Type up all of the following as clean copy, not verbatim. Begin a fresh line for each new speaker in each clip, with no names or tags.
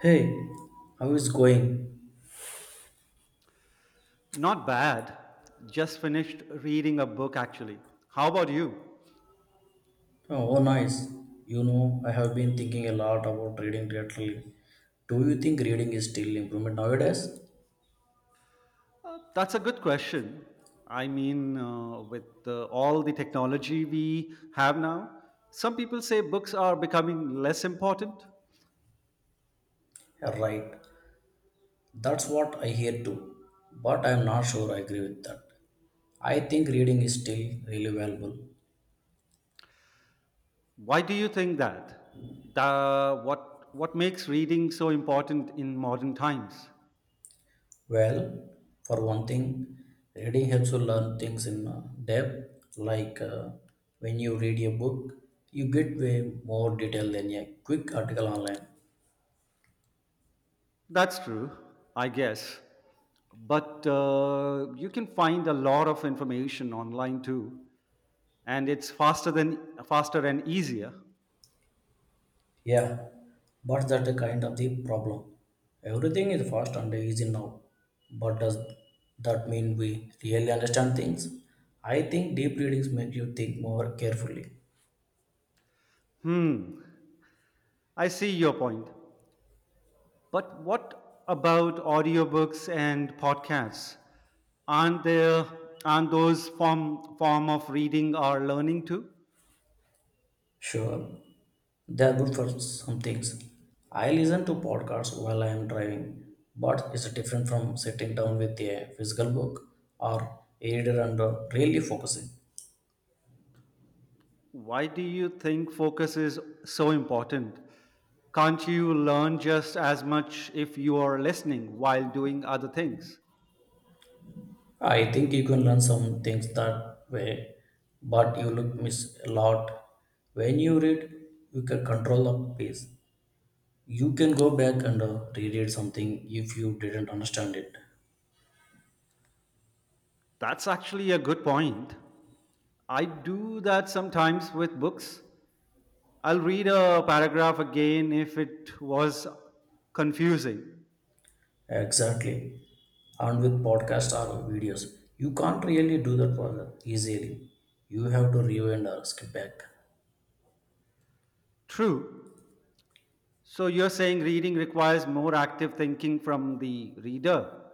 Hey, how is going?
Not bad. Just finished reading a book actually. How about you?
Oh, oh, nice. You know, I have been thinking a lot about reading lately. Do you think reading is still improvement nowadays?
That's a good question. I mean, with all the technology we have now, some people say books are becoming less important.
Yeah, right. That's what I hear too. But I'm not sure I agree with that. I think reading is still really valuable.
Why do you think that? What makes reading so important in modern times?
Well, for one thing, reading helps you learn things in depth. Like, when you read a book, you get way more detail than a quick article online.
That's true, I guess. But you can find a lot of information online too, and it's faster and easier.
Yeah, but that kind of the problem. Everything is fast and easy now. But does that mean we really understand things? I think deep readings make you think more carefully.
Hmm, I see your point. But what about audiobooks and podcasts? Aren't there aren't those form of reading or learning too?
Sure, they are good for some things. I listen to podcasts while I am driving, but it's different from sitting down with a physical book or a reader and really focusing.
Why do you think focus is so important? Can't you learn just as much if you are listening while doing other things?
I think you can learn some things that way, but you look miss a lot. When you read, you can control the pace. You can go back and reread something if you didn't understand it.
That's actually a good point. I do that sometimes with books. I'll read a paragraph again if it was confusing.
Exactly. And with podcasts or videos, you can't really do that for easily. You have to rewind or skip back.
True. So you're saying reading requires more active thinking from the reader.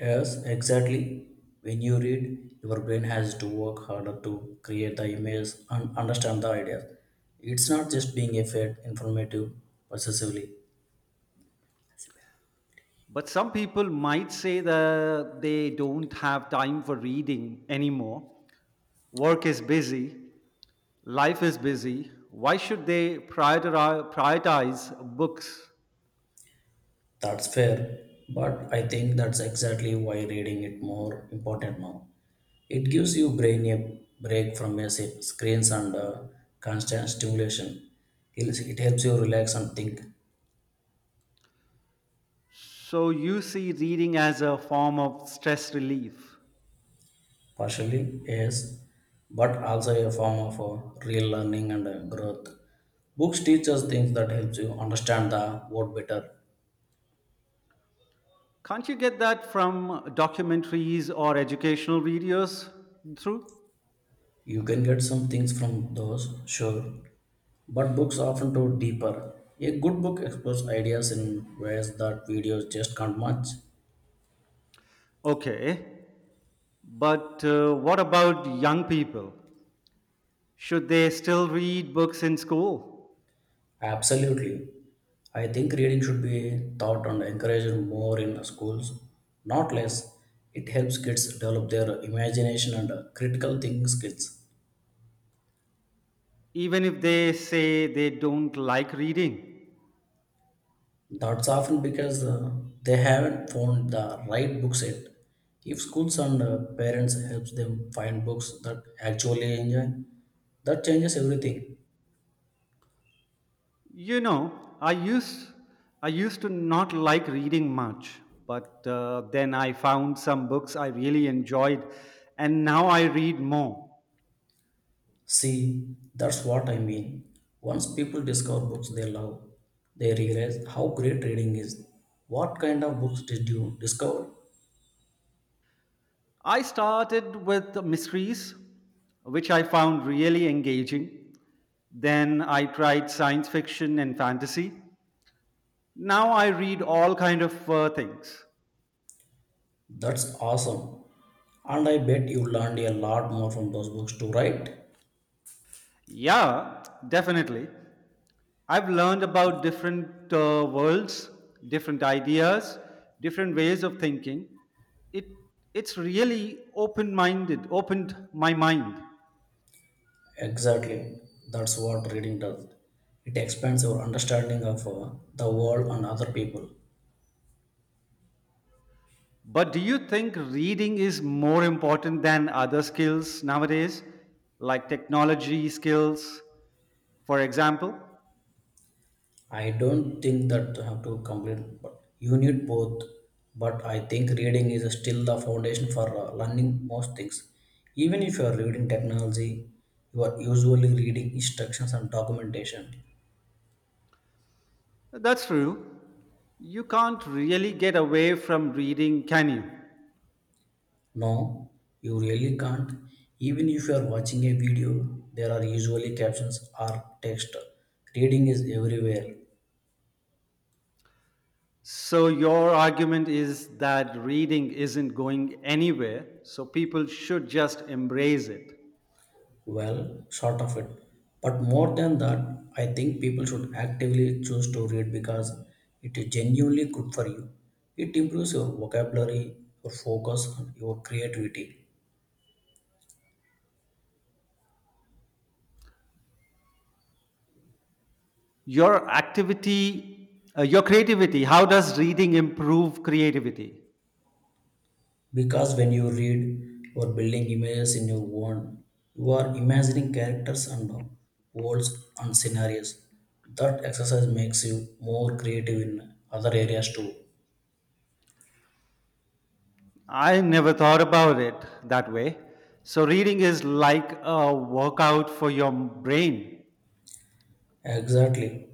Yes, exactly. When you read, your brain has to work harder to create the image and understand the ideas. It's not just being a fed informative possessively.
But some people might say that they don't have time for reading anymore. Work is busy, life is busy. Why should they prioritize books?
That's fair, but I think that's exactly why reading it more important now. It gives you brain a break from your screens and constant stimulation. It helps you relax and think.
So you see reading as a form of stress relief.
Partially yes, but also a form of a real learning and growth. Books teach us things that helps you understand the world better.
Can't you get that from documentaries or educational videos through?
You can get some things from those, sure, but books often go deeper. A good book explores ideas in ways that videos just can't match.
Okay, but what about young people? Should they still read books in school,
Absolutely, I think reading should be taught and encouraged more in schools, not less. It helps kids develop their imagination and critical thinking skills.
even if they say they don't like reading?
That's often because they haven't found the right books yet. If schools and parents help them find books that actually enjoy, that changes everything.
You know, I used I used to not like reading much, but then I found some books I really enjoyed, and now I read more.
See, that's what I mean. Once people discover books they love, they realize how great reading is. What kind of books did you discover?
I started with mysteries, which I found really engaging. Then I tried science fiction and fantasy. Now I read all kind of things.
That's awesome. And I bet you learned a lot more from those books too, right?
Yeah, definitely. I've learned about different worlds, different ideas, different ways of thinking. It it's really opened my mind.
Exactly. That's what reading does. It expands your understanding of the world and other people.
But do you think reading is more important than other skills nowadays, like technology skills, for example?
I don't think that you have to complete, but you need both. But I think reading is still the foundation for learning most things. Even if you are reading technology, you are usually reading instructions and documentation.
That's true. You can't really get away from reading, can you?
No, you really can't. Even if you are watching a video, there are usually captions or text. Reading is everywhere.
So, your argument is that reading isn't going anywhere, so people should just embrace it.
Well, sort of it. But more than that, I think people should actively choose to read because it is genuinely good for you. It improves your vocabulary, your focus, and your creativity.
Your creativity, how does reading improve creativity?
Because when you read, you are building images in your own. You are imagining characters and worlds and scenarios. That exercise makes you more creative in other areas too.
I never thought about it that way. So, reading is like a workout for your brain.
Exactly.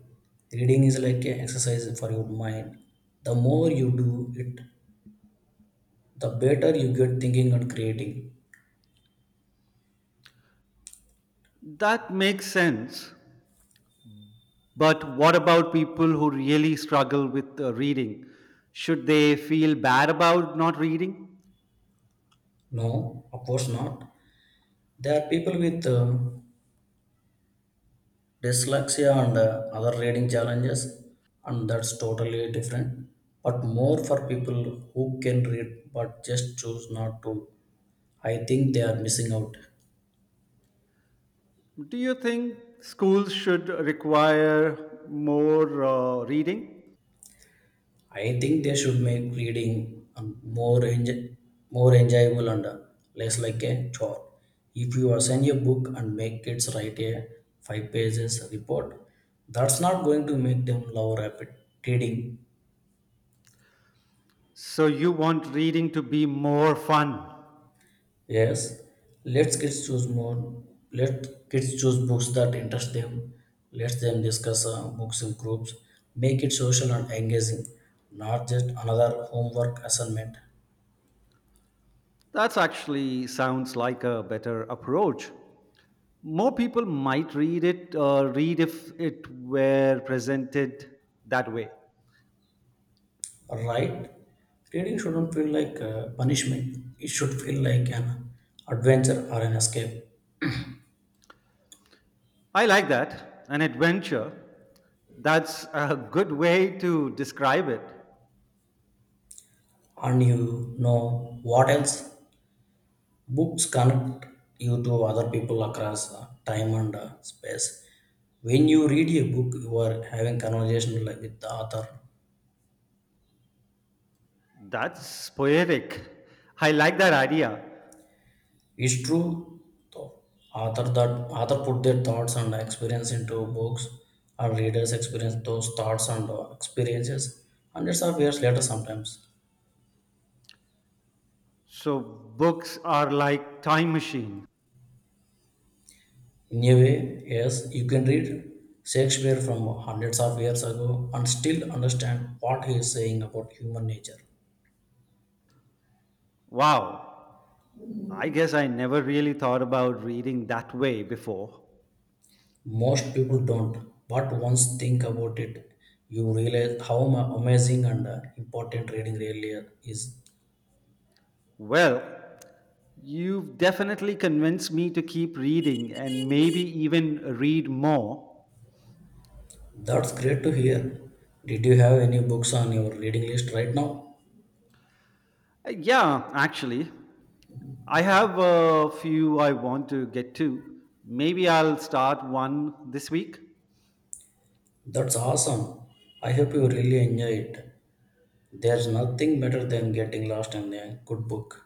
Reading is like an exercise for your mind. The more you do it, the better you get thinking and creating.
That makes sense. But what about people who really struggle with reading? Should they feel bad about not reading?
No, of course not. There are people with dyslexia and other reading challenges, and that's totally different. But more for people who can read but just choose not to. I think they are missing out.
Do you think schools should require more reading?
I think they should make reading more enj- more enjoyable and less like a chore. If you assign a book and make kids write a five pages report, that's not going to make them love rapid reading.
So you want reading to be more fun.
Yes, let's kids choose more. Let kids choose books that interest them. Let them discuss books in groups. Make it social and engaging, not just another homework assignment.
That's actually sounds like a better approach. More people might read if it were presented that way.
Right? Reading shouldn't feel like a punishment. It should feel like an adventure or an escape.
I like that. An adventure. That's a good way to describe it.
And you know what else? Books connect you to other people across time and space. When you read a book, you are having conversation like with the author.
That's poetic. I like that idea.
It's true, though. Author that author put their thoughts and experience into books, and readers experience those thoughts and experiences hundreds of years later sometimes.
So books are like time machine.
In a way, yes, you can read Shakespeare from hundreds of years ago and still understand what he is saying about human nature.
Wow, I guess I never really thought about reading that way before.
Most people don't, but once think about it, you realize how amazing and important reading really is.
Well, you've definitely convinced me to keep reading and maybe even read more.
That's great to hear. Did you have any books on your reading list right now?
Yeah, actually, I have a few I want to get to. Maybe I'll start one this week.
That's awesome. I hope you really enjoy it. There's nothing better than getting lost in a good book.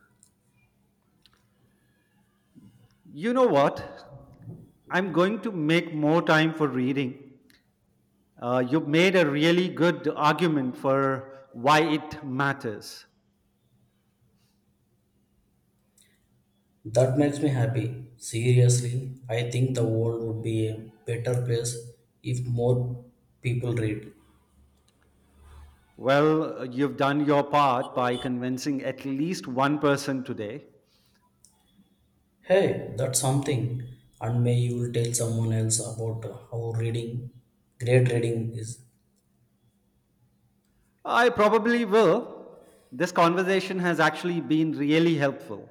You know what? I'm going to make more time for reading. You've made a really good argument for why it matters.
That makes me happy. Seriously, I think the world would be a better place if more people read.
Well, you've done your part by convincing at least one person today.
Hey, that's something. And may you will tell someone else about how reading, great reading is.
I probably will. This conversation has actually been really helpful.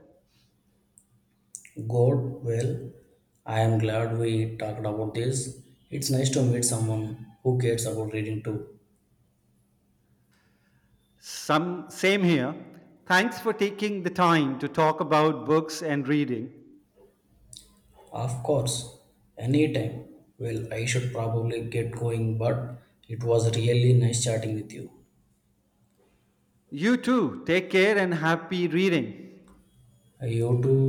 God, well, I am glad we talked about this. It's nice to meet someone who cares about reading too.
Some same here. Thanks for taking the time to talk about books and reading.
Of course, anytime. Well, I should probably get going, but it was really nice chatting with you.
You too. Take care and happy reading.
You too.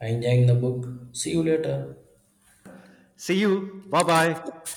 Enjoying the book. See you later.
See you. Bye-bye.